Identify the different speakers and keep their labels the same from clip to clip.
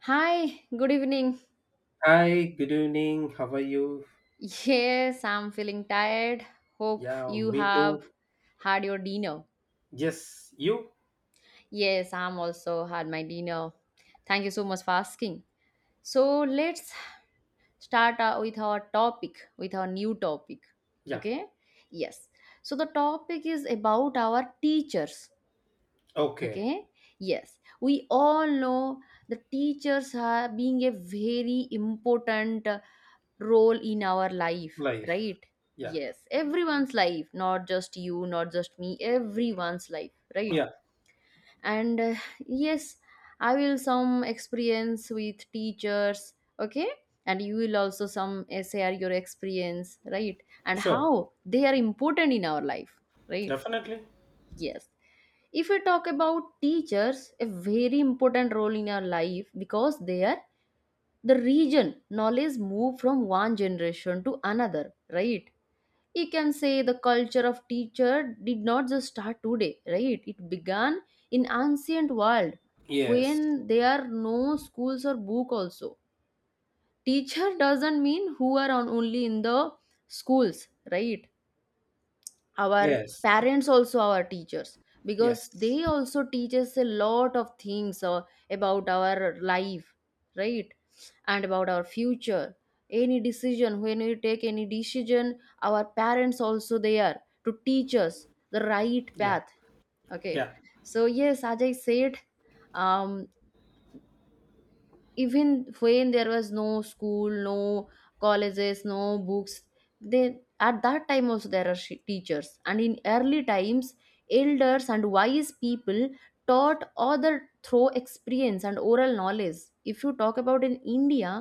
Speaker 1: Hi, good evening.
Speaker 2: Hi, good evening. How are you?
Speaker 1: Yes, I'm feeling tired. Hope
Speaker 2: Yeah,
Speaker 1: you
Speaker 2: me too.
Speaker 1: have had your dinner.
Speaker 2: Yes, you?
Speaker 1: Yes, I'm also had my dinner. Thank you so much for asking. So let's start with our topic, with our new topic.
Speaker 2: Yeah.
Speaker 1: Okay? Yes. So the topic is about our teachers.
Speaker 2: Okay.
Speaker 1: Okay? Yes. We all know the teachers are being a very important role in our life,
Speaker 2: Life.
Speaker 1: right?
Speaker 2: Yeah.
Speaker 1: Yes, everyone's life, not just you, not just me, everyone's life, right?
Speaker 2: Yeah.
Speaker 1: And yes, I will some experience with teachers. Okay, and you will also some share your experience, right? And
Speaker 2: Sure.
Speaker 1: how they are important in our life, right?
Speaker 2: Definitely.
Speaker 1: Yes, if we talk about teachers, a very important role in our life because they are the region knowledge move from one generation to another, right? You can say the culture of teacher did not just start today, right? It began in ancient world
Speaker 2: Yes.
Speaker 1: when there are no schools or book also. Teacher doesn't mean who are on only in the schools, right? Our
Speaker 2: Yes.
Speaker 1: parents also our teachers, because
Speaker 2: Yes.
Speaker 1: they also teach us a lot of things about our life, right? And about our future. Any decision, when we take any decision, our parents also they are to teach us the right
Speaker 2: Yeah.
Speaker 1: path. Okay,
Speaker 2: Yeah.
Speaker 1: so yes, as I said, um, even when there was no school, no colleges, no books, they at that time also there are teachers. And in early times, elders and wise people taught other through experience and oral knowledge. If you talk about in India,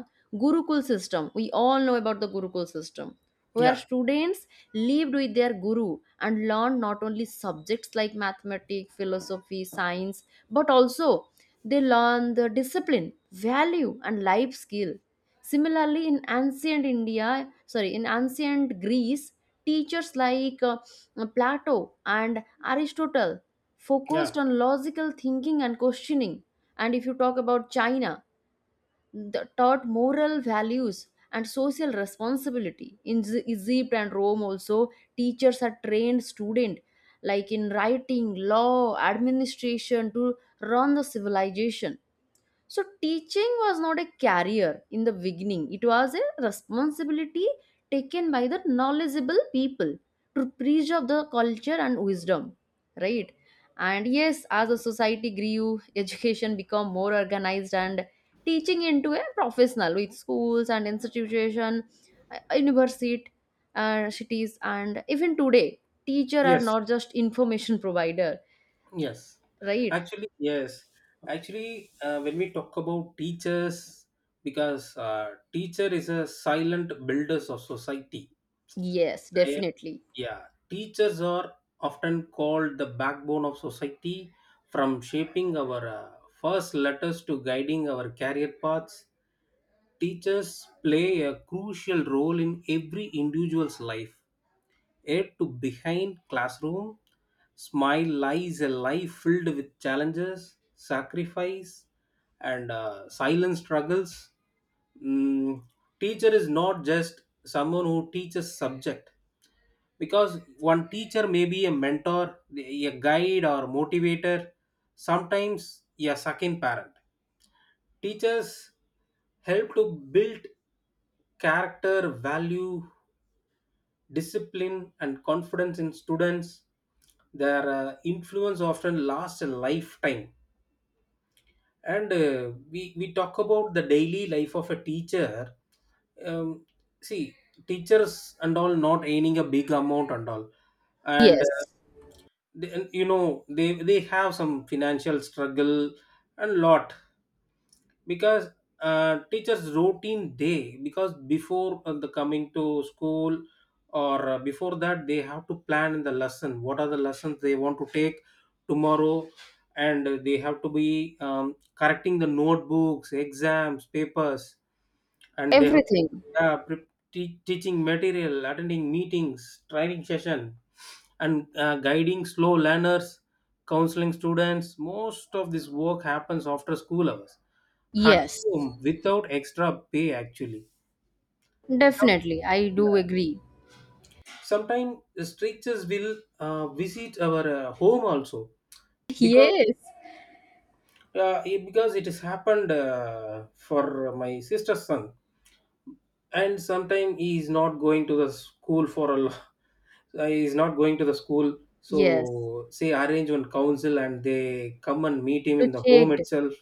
Speaker 1: gurukul system, we all know about the gurukul system, where
Speaker 2: Yeah.
Speaker 1: students lived with their guru and learned not only subjects like mathematics, philosophy, science, but also they learn the discipline, value, and life skill. Similarly, in ancient India, sorry, in ancient Greece, teachers like Plato and Aristotle focused
Speaker 2: Yeah.
Speaker 1: on logical thinking and questioning. And if you talk about China, the, taught moral values and social responsibility. In Egypt and Rome, also, teachers are trained students like in writing, law, administration to run the civilization. So teaching was not a career in the beginning. It was a responsibility taken by the knowledgeable people to preserve the culture and wisdom, right? And yes, as the society grew, education became more organized and teaching into a professional with schools and institution, university, cities, and even today, teacher are
Speaker 2: Yes.
Speaker 1: not just information provider,
Speaker 2: Yes.
Speaker 1: right?
Speaker 2: Actually, yes. Actually, when we talk about teachers, because teacher is a silent builders of society.
Speaker 1: Yes,
Speaker 2: I.
Speaker 1: definitely.
Speaker 2: Yeah, teachers are often called the backbone of society, from shaping our first letters to guiding our career paths. Teachers play a crucial role in every individual's life. Yet, to behind classroom, smile lies a life filled with challenges, sacrifice, and silent struggles. Mm, Teacher is not just someone who teaches subject, because one teacher may be a mentor, a guide, or motivator, sometimes a second parent. Teachers help to build character, value, discipline, and confidence in students. Their influence often lasts a lifetime. And we talk about the daily life of a teacher. um, See, teachers and all not earning a big amount and all. And
Speaker 1: Yes,
Speaker 2: they, and, they have some financial struggle and lot, because teachers routine day, because before the coming to school or before that, they have to plan the lesson, what are the lessons they want to take tomorrow. And they have to be correcting the notebooks, exams papers. And they have,
Speaker 1: everything.
Speaker 2: yeah, teaching material, attending meetings, training session, and guiding slow learners, counseling students. Most of this work happens after school hours at
Speaker 1: Yes,
Speaker 2: home, without extra pay actually. Some,
Speaker 1: definitely. I do
Speaker 2: yeah.
Speaker 1: agree.
Speaker 2: Sometimes strictures will visit our home also, because
Speaker 1: Yes,
Speaker 2: because it has happened for my sister's son, and sometimes he is not going to the school for a he is not going to the school,
Speaker 1: yes.
Speaker 2: so say arrange one council and they come and meet him
Speaker 1: To
Speaker 2: in the home
Speaker 1: check,
Speaker 2: itself.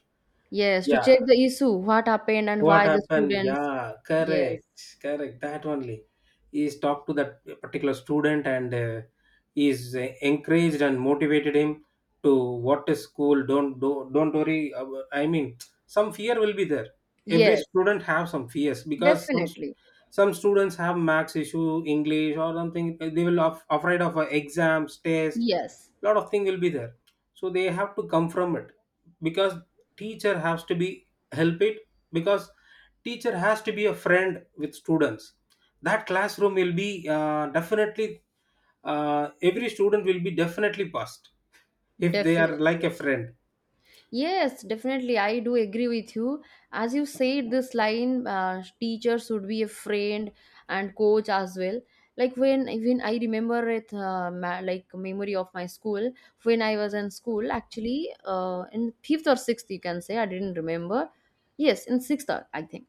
Speaker 1: yes, to
Speaker 2: Yeah.
Speaker 1: check the issue, what happened and
Speaker 2: What
Speaker 1: why the
Speaker 2: happened?
Speaker 1: students.
Speaker 2: Yeah,
Speaker 1: Yes,
Speaker 2: correct, correct. That only. He's talked to that particular student and he's encouraged and motivated him to what is school. Don't do, don't worry. I mean, some fear will be there. Every
Speaker 1: yes,
Speaker 2: student have some fears, because some
Speaker 1: definitely.
Speaker 2: some students have max issue, English or something. They will afraid of exams, test,
Speaker 1: Yes,
Speaker 2: lot of thing will be there. So they have to come from it, because teacher has to be help it, because teacher has to be a friend with students. That classroom will be definitely every student will be definitely passed, if they are like
Speaker 1: definitely.
Speaker 2: a friend.
Speaker 1: Yes, definitely. I do agree with you. As you said, this line, teacher should be a friend and coach as well. Like when I remember it, like memory of my school when I was in school, actually, in fifth or sixth, you can say I didn't remember. Yes, in sixth, I think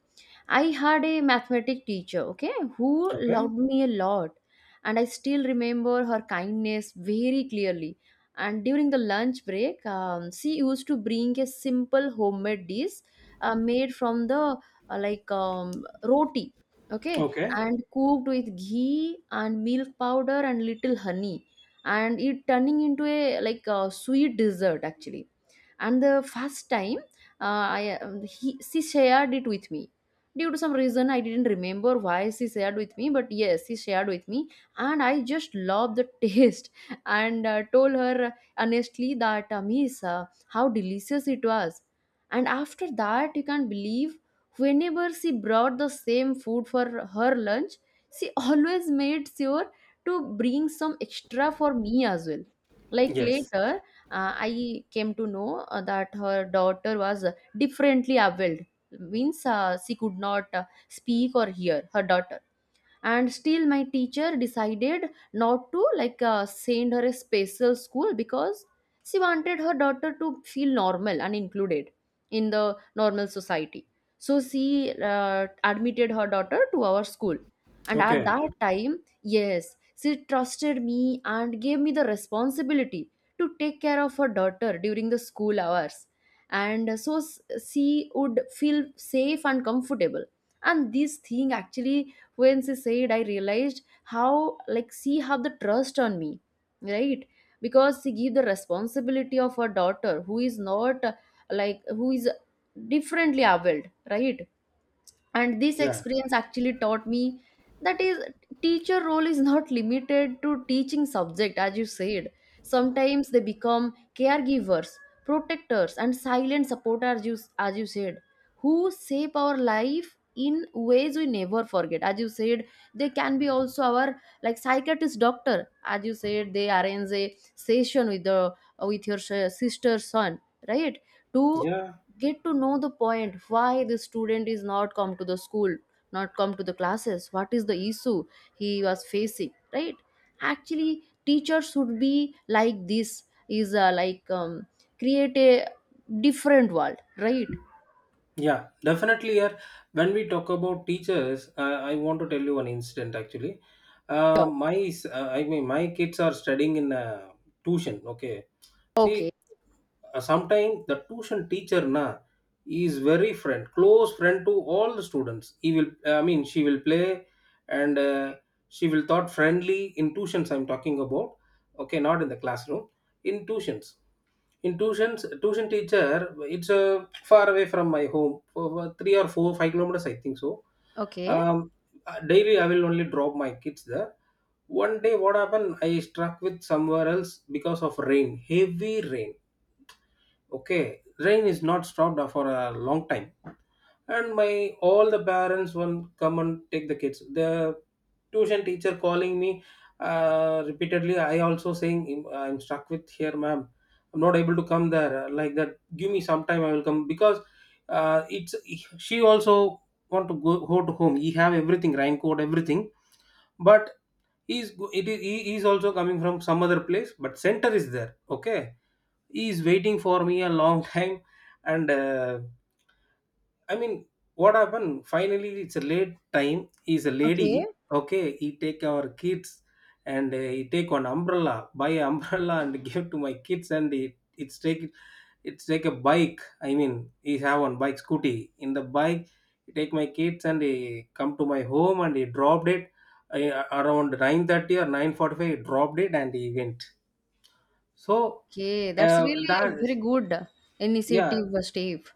Speaker 1: I had a mathematics teacher. Okay, who
Speaker 2: Okay.
Speaker 1: loved me a lot, and I still remember her kindness very clearly, and during the lunch break, she used to bring a simple homemade dish made from the like roti, okay,
Speaker 2: Okay.
Speaker 1: and cooked with ghee and milk powder and little honey, and it turning into a like a sweet dessert actually. And the first time, she shared it with me. Due to some reason, I didn't remember why she shared with me, but yes, she shared with me, and I just love the taste and told her honestly that, Miss, how delicious it was. And after that, you can't believe, whenever she brought the same food for her lunch, she always made sure to bring some extra for me as well. Like
Speaker 2: Yes.
Speaker 1: later, I came to know that her daughter was differently abled, means she could not speak or hear her daughter, and still my teacher decided not to like send her a special school because she wanted her daughter to feel normal and included in the normal society. So she admitted her daughter to our school, and at
Speaker 2: Okay.
Speaker 1: that time, yes, she trusted me and gave me the responsibility to take care of her daughter during the school hours, and so she would feel safe and comfortable. And this thing actually, when she said, I realized how, like, she have the trust on me, right? Because she give the responsibility of her daughter who is not like who is differently abled, right? And this
Speaker 2: Yeah,
Speaker 1: experience actually taught me that is teacher role is not limited to teaching subject, as you said. Sometimes they become caregivers, protectors and silent supporters, as you said, who shape our life in ways we never forget, as you said. They can be also our like psychiatrist doctor, as you said, they arrange a session with the with your sister's son, right? To
Speaker 2: yeah,
Speaker 1: get to know the point why the student is not come to the school, not come to the classes, what is the issue he was facing, right? Actually teachers should be like this, is like create a different world, right?
Speaker 2: yeah, definitely. Here, when we talk about teachers, I want to tell you one incident actually.
Speaker 1: Sure.
Speaker 2: I mean my kids are studying in tuition. Okay. See,
Speaker 1: Okay.
Speaker 2: sometimes the tuition teacher na is very friend, close friend to all the students. He will, I mean, she will play and she will thought friendly. In tuitions I'm talking about, okay, not in the classroom. In tuitions, tuition teacher, it's far away from my home for 3 or 4 5 kilometers I think so.
Speaker 1: Okay.
Speaker 2: um, Daily I will only drop my kids there. One day, what happened, I struck with somewhere else because of rain, heavy rain. Okay, rain is not stopped for a long time. And my, all the parents will come and take the kids. The tuition teacher calling me repeatedly. I also saying, "I'm stuck with here, ma'am, I'm not able to come there," like that. Give me some time, I will come. Because it's, she also want to go to home. He have everything, raincoat, everything. But it is, he is also coming from some other place, but center is there. Okay, he is waiting for me a long time. And I mean, what happened finally, it's a late time, he's a lady.
Speaker 1: Okay.
Speaker 2: Okay, he take our kids and he take one umbrella, buy an umbrella and give to my kids. And it's take it's take a bike, I mean he have one bike, scooty, in the bike he take my kids and he come to my home and he dropped it around 9:30 or 9:45. He dropped it and he went, so
Speaker 1: Okay, that's
Speaker 2: uh,
Speaker 1: really
Speaker 2: that.
Speaker 1: very good
Speaker 2: Yeah,
Speaker 1: initiative, Steve.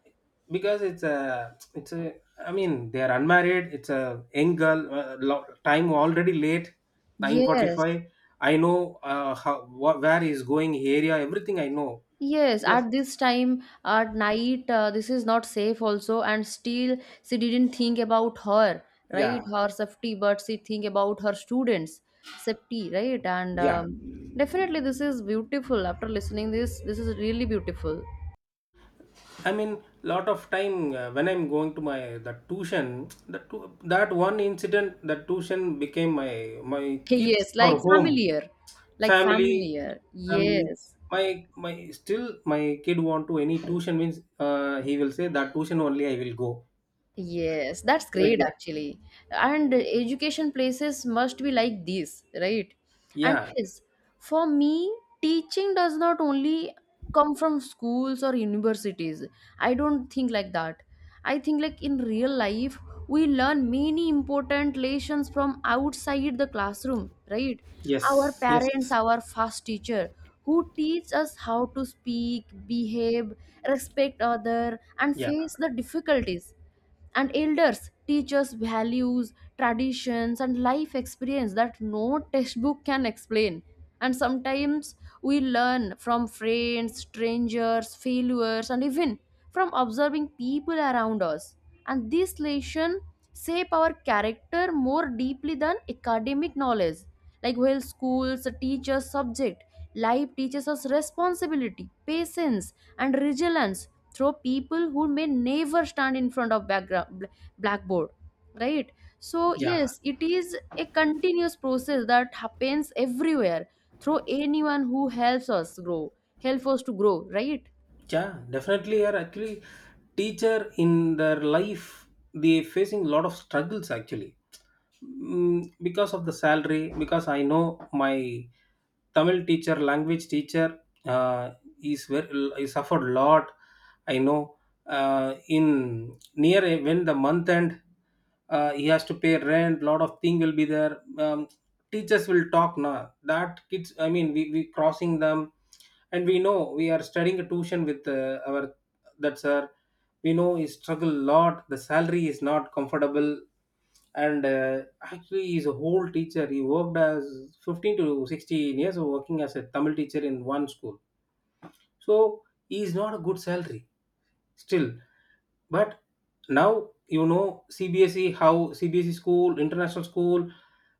Speaker 2: because it's a I mean they are unmarried, it's a young girl. Time already late,
Speaker 1: Yes.
Speaker 2: 9:45. I know where is going area everything I know.
Speaker 1: Yes,
Speaker 2: Because.
Speaker 1: at this time at night, this is not safe also, and still she didn't think about her,
Speaker 2: Yeah,
Speaker 1: right? Her safety, but she think about her students' safety, right? And
Speaker 2: yeah.
Speaker 1: definitely, this is beautiful. After listening this, this is really beautiful.
Speaker 2: I mean lot of time when I'm going to my, the tuition, the tu that one incident, the tuition became my, my kids
Speaker 1: Yes,
Speaker 2: for
Speaker 1: like
Speaker 2: home,
Speaker 1: familiar, like
Speaker 2: family,
Speaker 1: familiar.
Speaker 2: family.
Speaker 1: Yes.
Speaker 2: My my still, my kid want to any tuition means he will say that tuition only I will go,
Speaker 1: Yes, that's
Speaker 2: like
Speaker 1: great
Speaker 2: that.
Speaker 1: actually. And education places must be like this, right? And
Speaker 2: Yeah.
Speaker 1: yes, for me, teaching does not only come from schools or universities. I don't think like that. I think, like, in real life, we learn many important lessons from outside the classroom, right? Our
Speaker 2: Yes.
Speaker 1: parents,
Speaker 2: Yes.
Speaker 1: our first teacher, who teach us how to speak, behave, respect other, and
Speaker 2: Yeah.
Speaker 1: face the difficulties, and elders teach us values, traditions and life experience that no textbook can explain. And sometimes we learn from friends, strangers, failures, and even from observing people around us, and this lesson shape our character more deeply than academic knowledge. Like, while schools teach us subject, life teaches us responsibility, patience, and resilience through people who may never stand in front of background blackboard, right? So
Speaker 2: Yeah.
Speaker 1: yes, it is a continuous process that happens everywhere through anyone who helps us grow, help us to grow, right?
Speaker 2: Yeah. Definitely are actually teacher in their life, they facing lot of struggles actually. Because of the salary, because I know my Tamil teacher, language teacher, uh, is very, he suffered a lot, I know. uh, in near when the month end, he has to pay rent, lot of thing will be there. um, Teachers will talk now, that kids, I mean we crossing them, and we know we are studying a tuition with our, that sir, we know he struggle a lot, the salary is not comfortable. And actually he's a whole teacher, he worked as 15 to 16 years working as a Tamil teacher in one school. So he's not a good salary still. But now you know CBSE, how CBSE school, international school,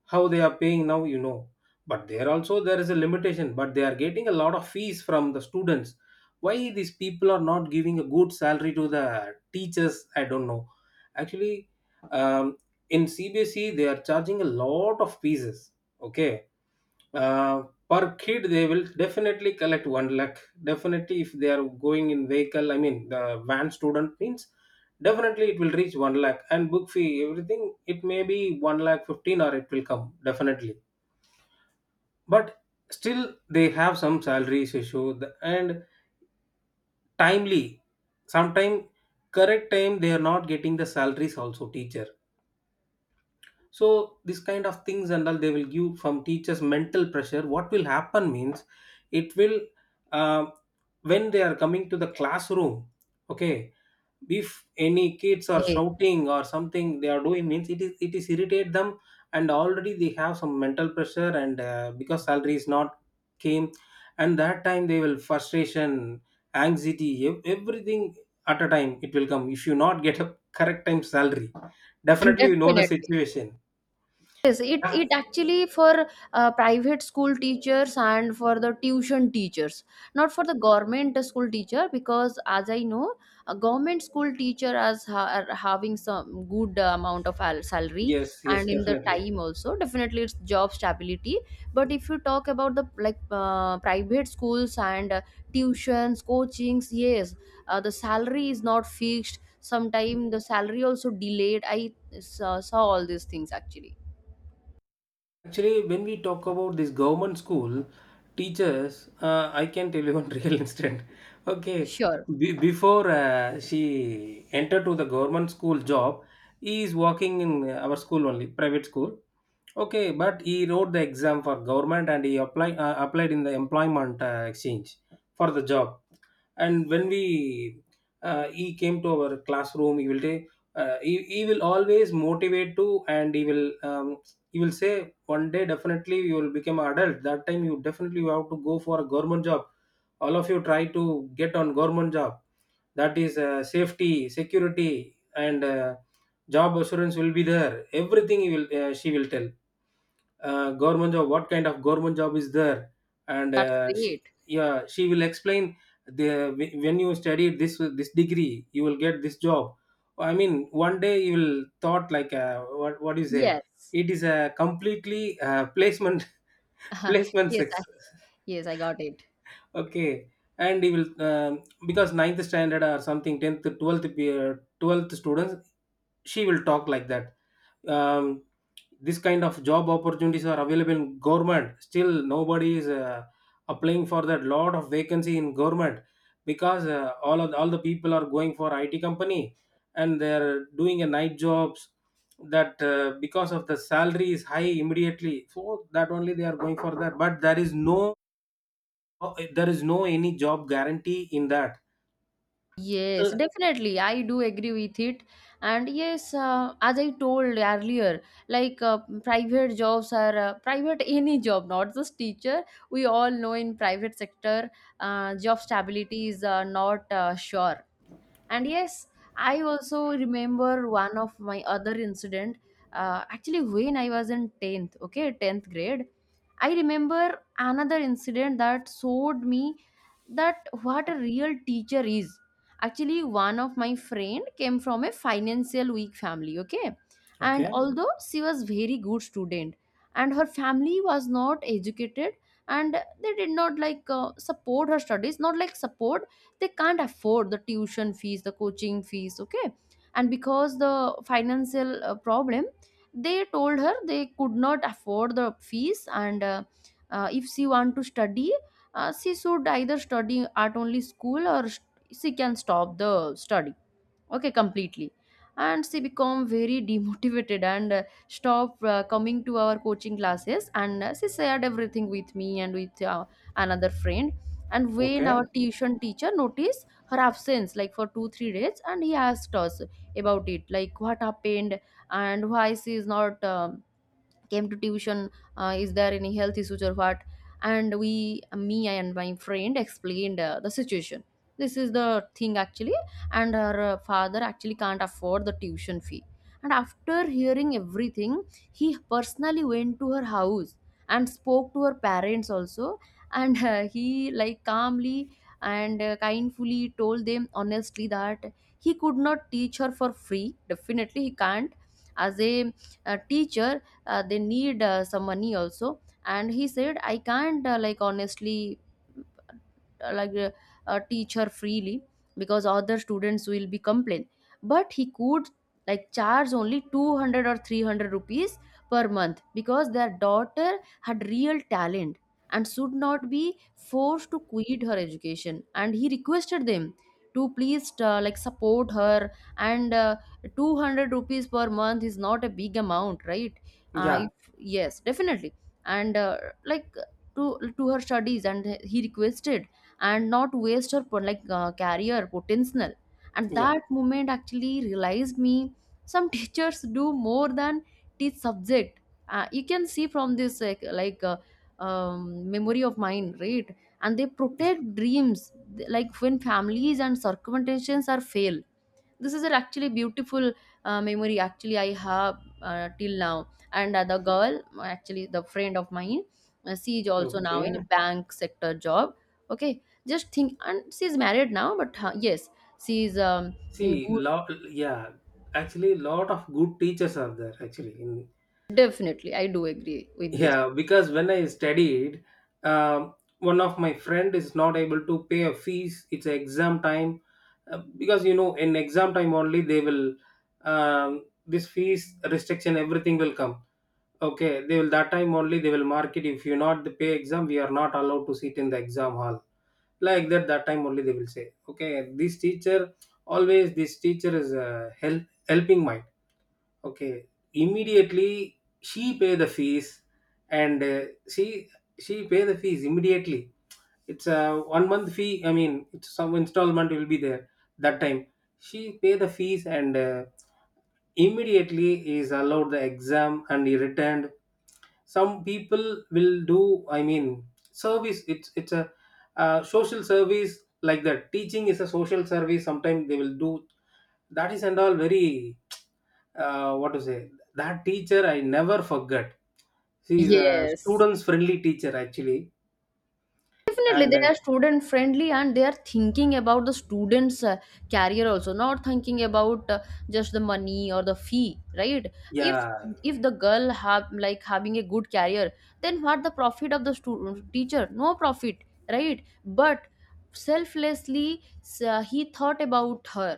Speaker 2: how they are paying now, you know. But there also there is a limitation. But they are getting a lot of fees from the students. Why these people are not giving a good salary to the teachers? I don't know. Actually, um, in CBSE they are charging a lot of fees. Okay, uh, per kid they will definitely collect one lakh, definitely if they are going in vehicle, I mean the van student means, definitely it will reach one lakh and book fee everything, it may be one lakh 15 or, it will come definitely. But still they have some salaries issue, and timely, sometime correct time they are not getting the salaries also teacher. So this kind of things and all, they will give from teachers mental pressure. What will happen means, it will uh, when they are coming to the classroom, okay, if any kids are
Speaker 1: Okay,
Speaker 2: shouting or something they are doing means, it is, it is irritate them. And already they have some mental pressure, and because salary is not came, and that time they will frustration, anxiety, everything at a time it will come if you not get a correct time salary. Definitely you know the
Speaker 1: definitely.
Speaker 2: situation.
Speaker 1: Yes, it
Speaker 2: Ah.
Speaker 1: it actually for private school teachers and for the tuition teachers, not for the government school teacher, because as I know, a government school teacher as are having some good amount of salary,
Speaker 2: Yes, yes,
Speaker 1: and in the
Speaker 2: definitely.
Speaker 1: time also definitely it's job stability. But if you talk about the like private schools and tuitions, coachings, yes, the salary is not fixed. Sometime the salary also delayed. I saw all these things actually.
Speaker 2: Actually, when we talk about this government school teachers, I can tell you one real incident. Okay,
Speaker 1: Sure,
Speaker 2: be before she entered to the government school job, he is working in our school only, private school. Okay, but he wrote the exam for government and he applied, applied in the employment exchange for the job. And when we, he came to our classroom, he will say, he will always motivate to, and he will say one day definitely you will become adult, that time you definitely you have to go for a government job, all of you try to get on government job. That is safety, security, and job assurance will be there, everything he will, she will tell government job, what kind of government job is there. And
Speaker 1: that's
Speaker 2: she,
Speaker 1: great.
Speaker 2: yeah, she will explain the when you study this degree you will get this job. I mean one day you will thought like what do you say,
Speaker 1: Yes.
Speaker 2: it is a completely placement, placement
Speaker 1: Yes, I
Speaker 2: sex.
Speaker 1: yes, I got it.
Speaker 2: Okay, and he will because ninth standard or something, tenth, 12th, 12th students, she will talk like that. Um, this kind of job opportunities are available in government. Still, nobody is applying for that, lot of vacancy in government, because all the people are going for IT company, and they are doing a night jobs. That because of the salary is high immediately, so that only they are going for that. But there is no any job guarantee in that.
Speaker 1: Yes,
Speaker 2: Uh,
Speaker 1: definitely. I do agree with it. And yes, as I told earlier, like private jobs are private any job, not just teacher. We all know in private sector, job stability is not sure. And yes, I also remember one of my other incident. Actually, when I was in 10th, okay, 10th grade, I remember another incident that showed me that what a real teacher is. Actually, one of my friend came from a financial weak family, okay? And
Speaker 2: Okay.
Speaker 1: although she was very good student and her family was not educated and they did not like support her studies, not like support. They can't afford the tuition fees, the coaching fees, okay. And because the financial problem, they told her they could not afford the fees and if she want to study, she should either study at only school or she can stop the study okay completely. And she become very demotivated and stopped coming to our coaching classes. And she shared everything with me and with another friend. And when
Speaker 2: Okay.
Speaker 1: our tuition teacher noticed her absence like for 2 3 days, and he asked us about it like what happened and why she is not came to tuition, is there any health issues or what. And we, me and my friend, explained the situation. This is the thing actually. And her father actually can't afford the tuition fee. And after hearing everything, he personally went to her house and spoke to her parents also. And he like calmly and kindfully told them honestly that he could not teach her for free, definitely he can't. As a teacher, they need some money also. And he said, I can't like honestly, uh, like uh, teach her freely because other students will be complain. But he could like charge only 200 or 300 rupees per month because their daughter had real talent and should not be forced to quit her education. And he requested them to please like support her. And 200 rupees per month is not a big amount, right?
Speaker 2: Yeah,
Speaker 1: If, yes definitely. And like to to her studies, and he requested, and not waste her like career potential. And
Speaker 2: yeah.
Speaker 1: that moment actually realized me some teachers do more than teach subject. You can see from this memory of mine, right? And they protect dreams like when families and circumstances are fail. This is an actually beautiful memory actually I have till now. And the girl actually, the friend of mine, she is also now in a
Speaker 2: Okay.
Speaker 1: bank sector job. Okay, just think. And she is married now, but yes, she is in
Speaker 2: See.
Speaker 1: good.
Speaker 2: Lot. Yeah, actually lot of good teachers are there actually in.
Speaker 1: Definitely, I do agree with this.
Speaker 2: Yeah, because when I studied, um, one of my friend is not able to pay a fees, it's exam time. Because you know in exam time only they will, um, this fees restriction everything will come. Okay, they will that time only they will mark it. If you not pay exam, we are not allowed to sit in the exam hall. Like that, that time only they will say. Okay, this teacher always, this teacher is a help, helping mind. Okay, immediately she pay the fees, and she she pay the fees immediately. It's a 1 month fee. I mean, it's some installment will be there that time. She pay the fees and immediately is allowed the exam and he returned. Some people will do, I mean service, it's a social service. Like that, teaching is a social service, sometimes they will do that is and all very what to say, that teacher I never forget. She is a
Speaker 1: Yes.
Speaker 2: students friendly teacher actually.
Speaker 1: Definitely,
Speaker 2: And
Speaker 1: they are student friendly and they are thinking about the students' career also, not thinking about just the money or the fee, right? If
Speaker 2: yeah
Speaker 1: if the girl have like having a good career, then what the profit of the student teacher? No profit, right? But selflessly, he thought about her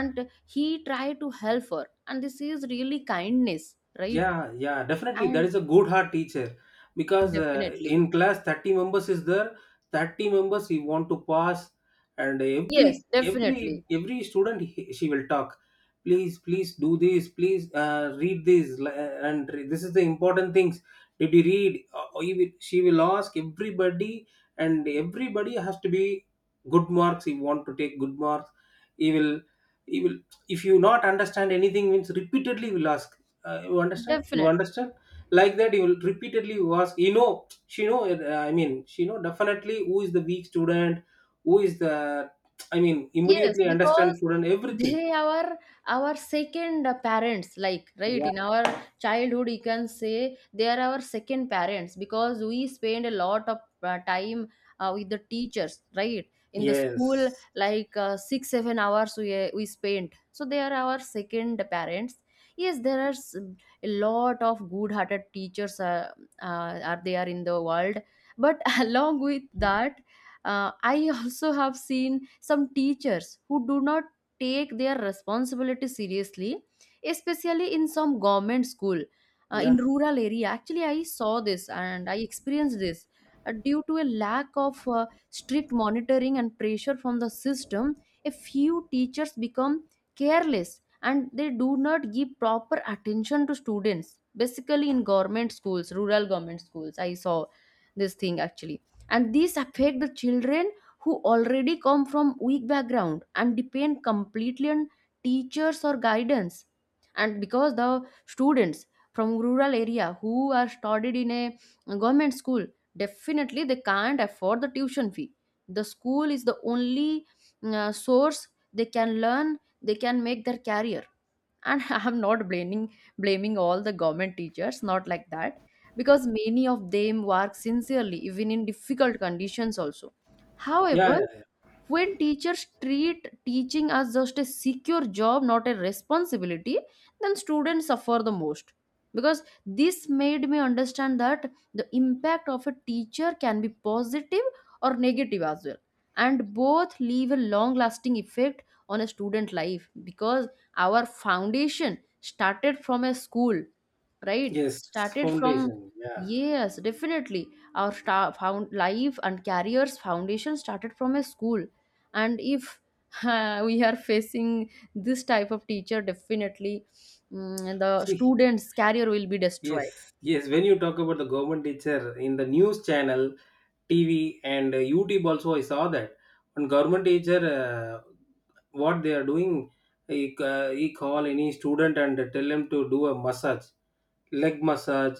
Speaker 1: and he tried to help her, and this is really kindness, right?
Speaker 2: Yeah, yeah, definitely. That
Speaker 1: And
Speaker 2: is a good heart teacher because
Speaker 1: definitely,
Speaker 2: in class, 30 members is there. 30 members he want to pass, and
Speaker 1: yes,
Speaker 2: every
Speaker 1: definitely,
Speaker 2: every every student he, she will talk. Please, please do this. Please read this, this is the important things. Did you read? Or she will ask everybody, and everybody has to be good marks. He want to take good marks. He will, he will. If you not understand anything, means repeatedly will ask, you understand? You
Speaker 1: definitely.
Speaker 2: understand? Like that, you will repeatedly you ask. You know, she know. She know definitely who is the weak student, who is the. I mean,
Speaker 1: Yes,
Speaker 2: immediately understand
Speaker 1: because
Speaker 2: student everything.
Speaker 1: they are our second parents, like, right?
Speaker 2: Yeah.
Speaker 1: In our childhood, you can say they are our second parents because we spend a lot of time with the teachers, right? In the school,
Speaker 2: Yes.
Speaker 1: like 6, 7 hours we spent. So they are our second parents. Yes, there are a lot of good hearted teachers uh, are there in the world. But along with that, I also have seen some teachers who do not take their responsibility seriously, especially in some government school in
Speaker 2: Yeah.
Speaker 1: rural area. Actually, I saw this and I experienced this. Due to a lack of strict monitoring and pressure from the system, a few teachers become careless and they do not give proper attention to students. Basically, in government schools, rural government schools, I saw this thing actually. And these affect the children who already come from weak background and depend completely on teachers or guidance. And because the students from rural area who are studied in a government school, definitely they can't afford the tuition fee. The school is the only source they can learn, they can make their career. And I'm not blaming all the government teachers, not like that, because many of them work sincerely even in difficult conditions also. However,
Speaker 2: Yeah, yeah.
Speaker 1: when teachers treat teaching as just a secure job, not a responsibility, then students suffer the most. Because this made me understand that the impact of a teacher can be positive or negative as well, and both leave a long lasting effect on a student life, because our foundation started from a school, right?
Speaker 2: Yes.
Speaker 1: Started from.
Speaker 2: Foundation. Yeah.
Speaker 1: Yes, definitely. Our star found life and careers foundation started from a school. And if we are facing this type of teacher, definitely the
Speaker 2: See.
Speaker 1: students career will be destroyed.
Speaker 2: Yes, yes. When you talk about the government teacher in the news channel, TV, and YouTube, also I saw that on government teacher, what they are doing, he call any student and tell him to do a massage, leg massage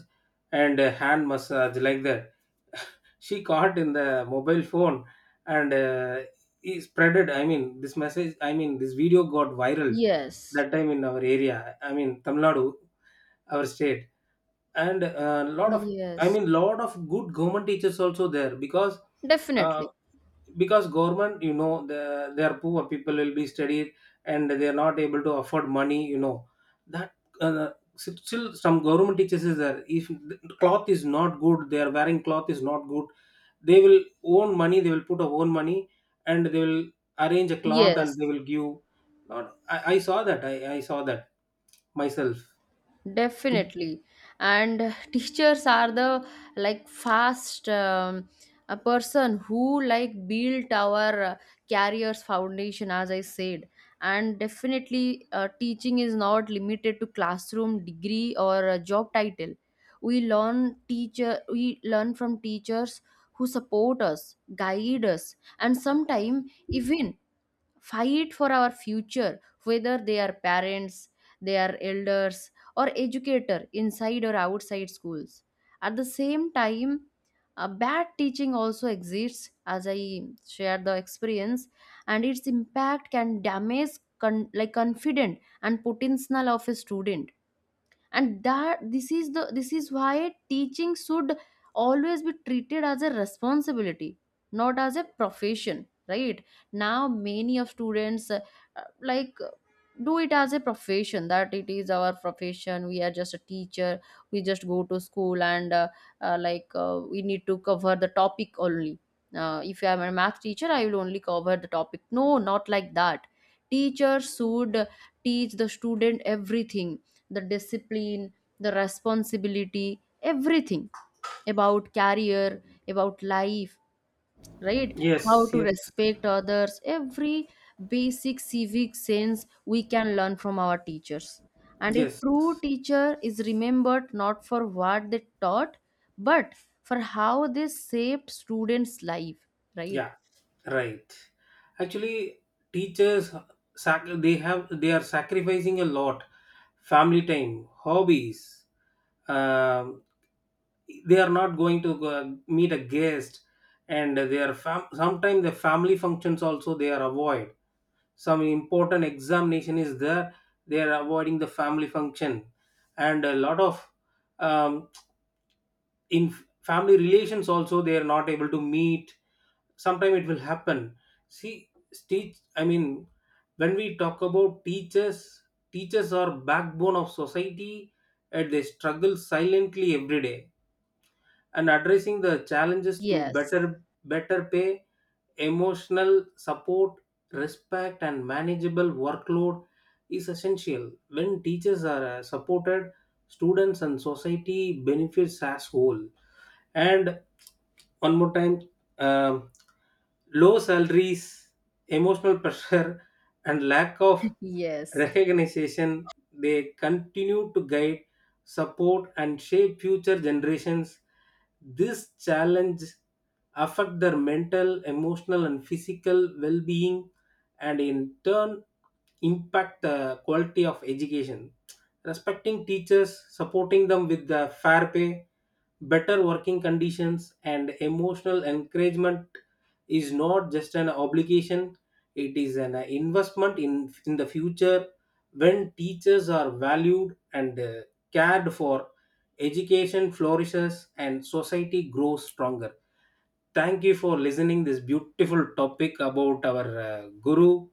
Speaker 2: and a hand massage like that. She caught in the mobile phone, and he spreaded, I mean this message, I mean this video got viral
Speaker 1: Yes.
Speaker 2: that time in our area, I mean Tamil Nadu, our state. And a lot of, I
Speaker 1: Yes,
Speaker 2: mean lot of good government teachers also there, because uh,
Speaker 1: definitely,
Speaker 2: because government, you know, the, their poor people will be studied and they are not able to afford money, you know, that uh, still some government teachers is there. If the cloth is not good, they are wearing cloth is not good, they will own money, they will put a own money, and they will arrange a cloth
Speaker 1: yes.
Speaker 2: and they will give. Not I, I saw that. I saw that myself.
Speaker 1: Definitely. And teachers are the like fast a person who like built our careers foundation, as I said. And definitely teaching is not limited to classroom degree or a job title. We learn from teachers who support us, guide us, and sometimes even fight for our future, whether they are parents, they are elders, or educator inside or outside schools. At the same time, a bad teaching also exists, as I shared the experience, and its impact can damage like confident and potential of a student. And that this is the this is why teaching should always be treated as a responsibility, not as a profession, right? Now many of students uh, like uh, do it as a profession, that it is our profession, we are just a teacher, we just go to school and we need to cover the topic only. If I am a math teacher, I will only cover the topic, no, not like that. Teacher should teach the student everything: the discipline, the responsibility, everything about career, about life, right? How
Speaker 2: Yes,
Speaker 1: to
Speaker 2: yes,
Speaker 1: respect others, every basic civic sense we can learn from our teachers. And a
Speaker 2: yes,
Speaker 1: true teacher is remembered not for what they taught, but for how they shaped students life, right?
Speaker 2: yeah. Right. Actually, teachers they have, they are sacrificing a lot, family time, hobbies. Um, they are not going to go, meet a guest, and sometimes the family functions also they are avoid. Some important examination is there. They are avoiding the family function, and a lot of um, in family relations also they are not able to meet. Sometime it will happen. See, teach I mean when we talk about teachers, teachers are backbone of society and they struggle silently every day, and addressing the challenges through
Speaker 1: Yes.
Speaker 2: better pay, emotional support, respect and manageable workload is essential. When teachers are supported, students and society benefits as whole. And one more time, um, low salaries, emotional pressure, and lack of
Speaker 1: Yes.
Speaker 2: recognition, they continue to guide, support, and shape future generations. This challenge affect their mental, emotional, and physical well-being, and in turn impact the quality of education. Respecting teachers, supporting them with the fair pay, better working conditions and emotional encouragement, is not just an obligation, it is an investment in the future. When teachers are valued and cared for, education flourishes and society grows stronger. Thank you for listening this beautiful topic about our guru,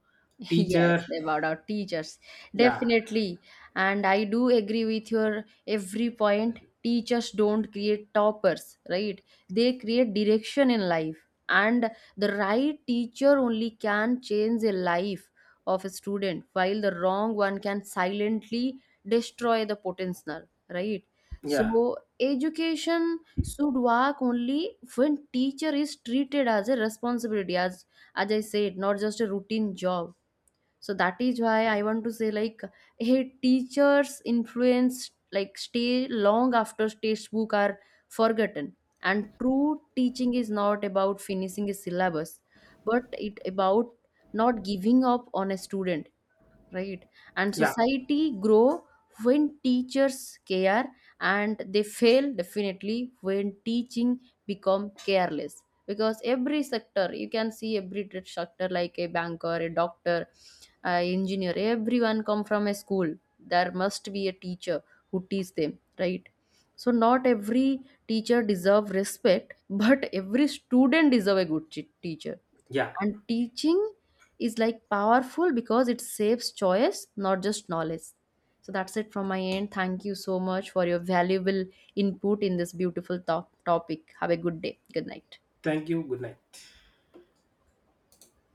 Speaker 1: Yes,
Speaker 2: teacher.
Speaker 1: about our teachers.
Speaker 2: Yeah,
Speaker 1: Definitely. And I do agree with your every point. Teachers don't create toppers, right? They create direction in life. And the right teacher only can change the life of a student, while the wrong one can silently destroy the potential, right?
Speaker 2: yeah,
Speaker 1: So education should work only when teacher is treated as a responsibility, as I said, not just a routine job. So that is why I want to say like, hey, teachers influence like stay long after textbook are forgotten. And true teaching is not about finishing a syllabus, but it about not giving up on a student, right? And
Speaker 2: yeah,
Speaker 1: society grow when teachers care, and they fail definitely when teaching become careless, because every sector you can see, every trade sector, like a banker, a doctor, a engineer, everyone come from a school. There must be a teacher who teach them, right? So not every teacher deserve respect, but every student deserve a good teacher.
Speaker 2: yeah.
Speaker 1: And teaching is like powerful because it saves choice, not just knowledge. So that's it from my end. Thank you so much for your valuable input in this beautiful topic. Have a good day, good night.
Speaker 2: Thank you. Good night.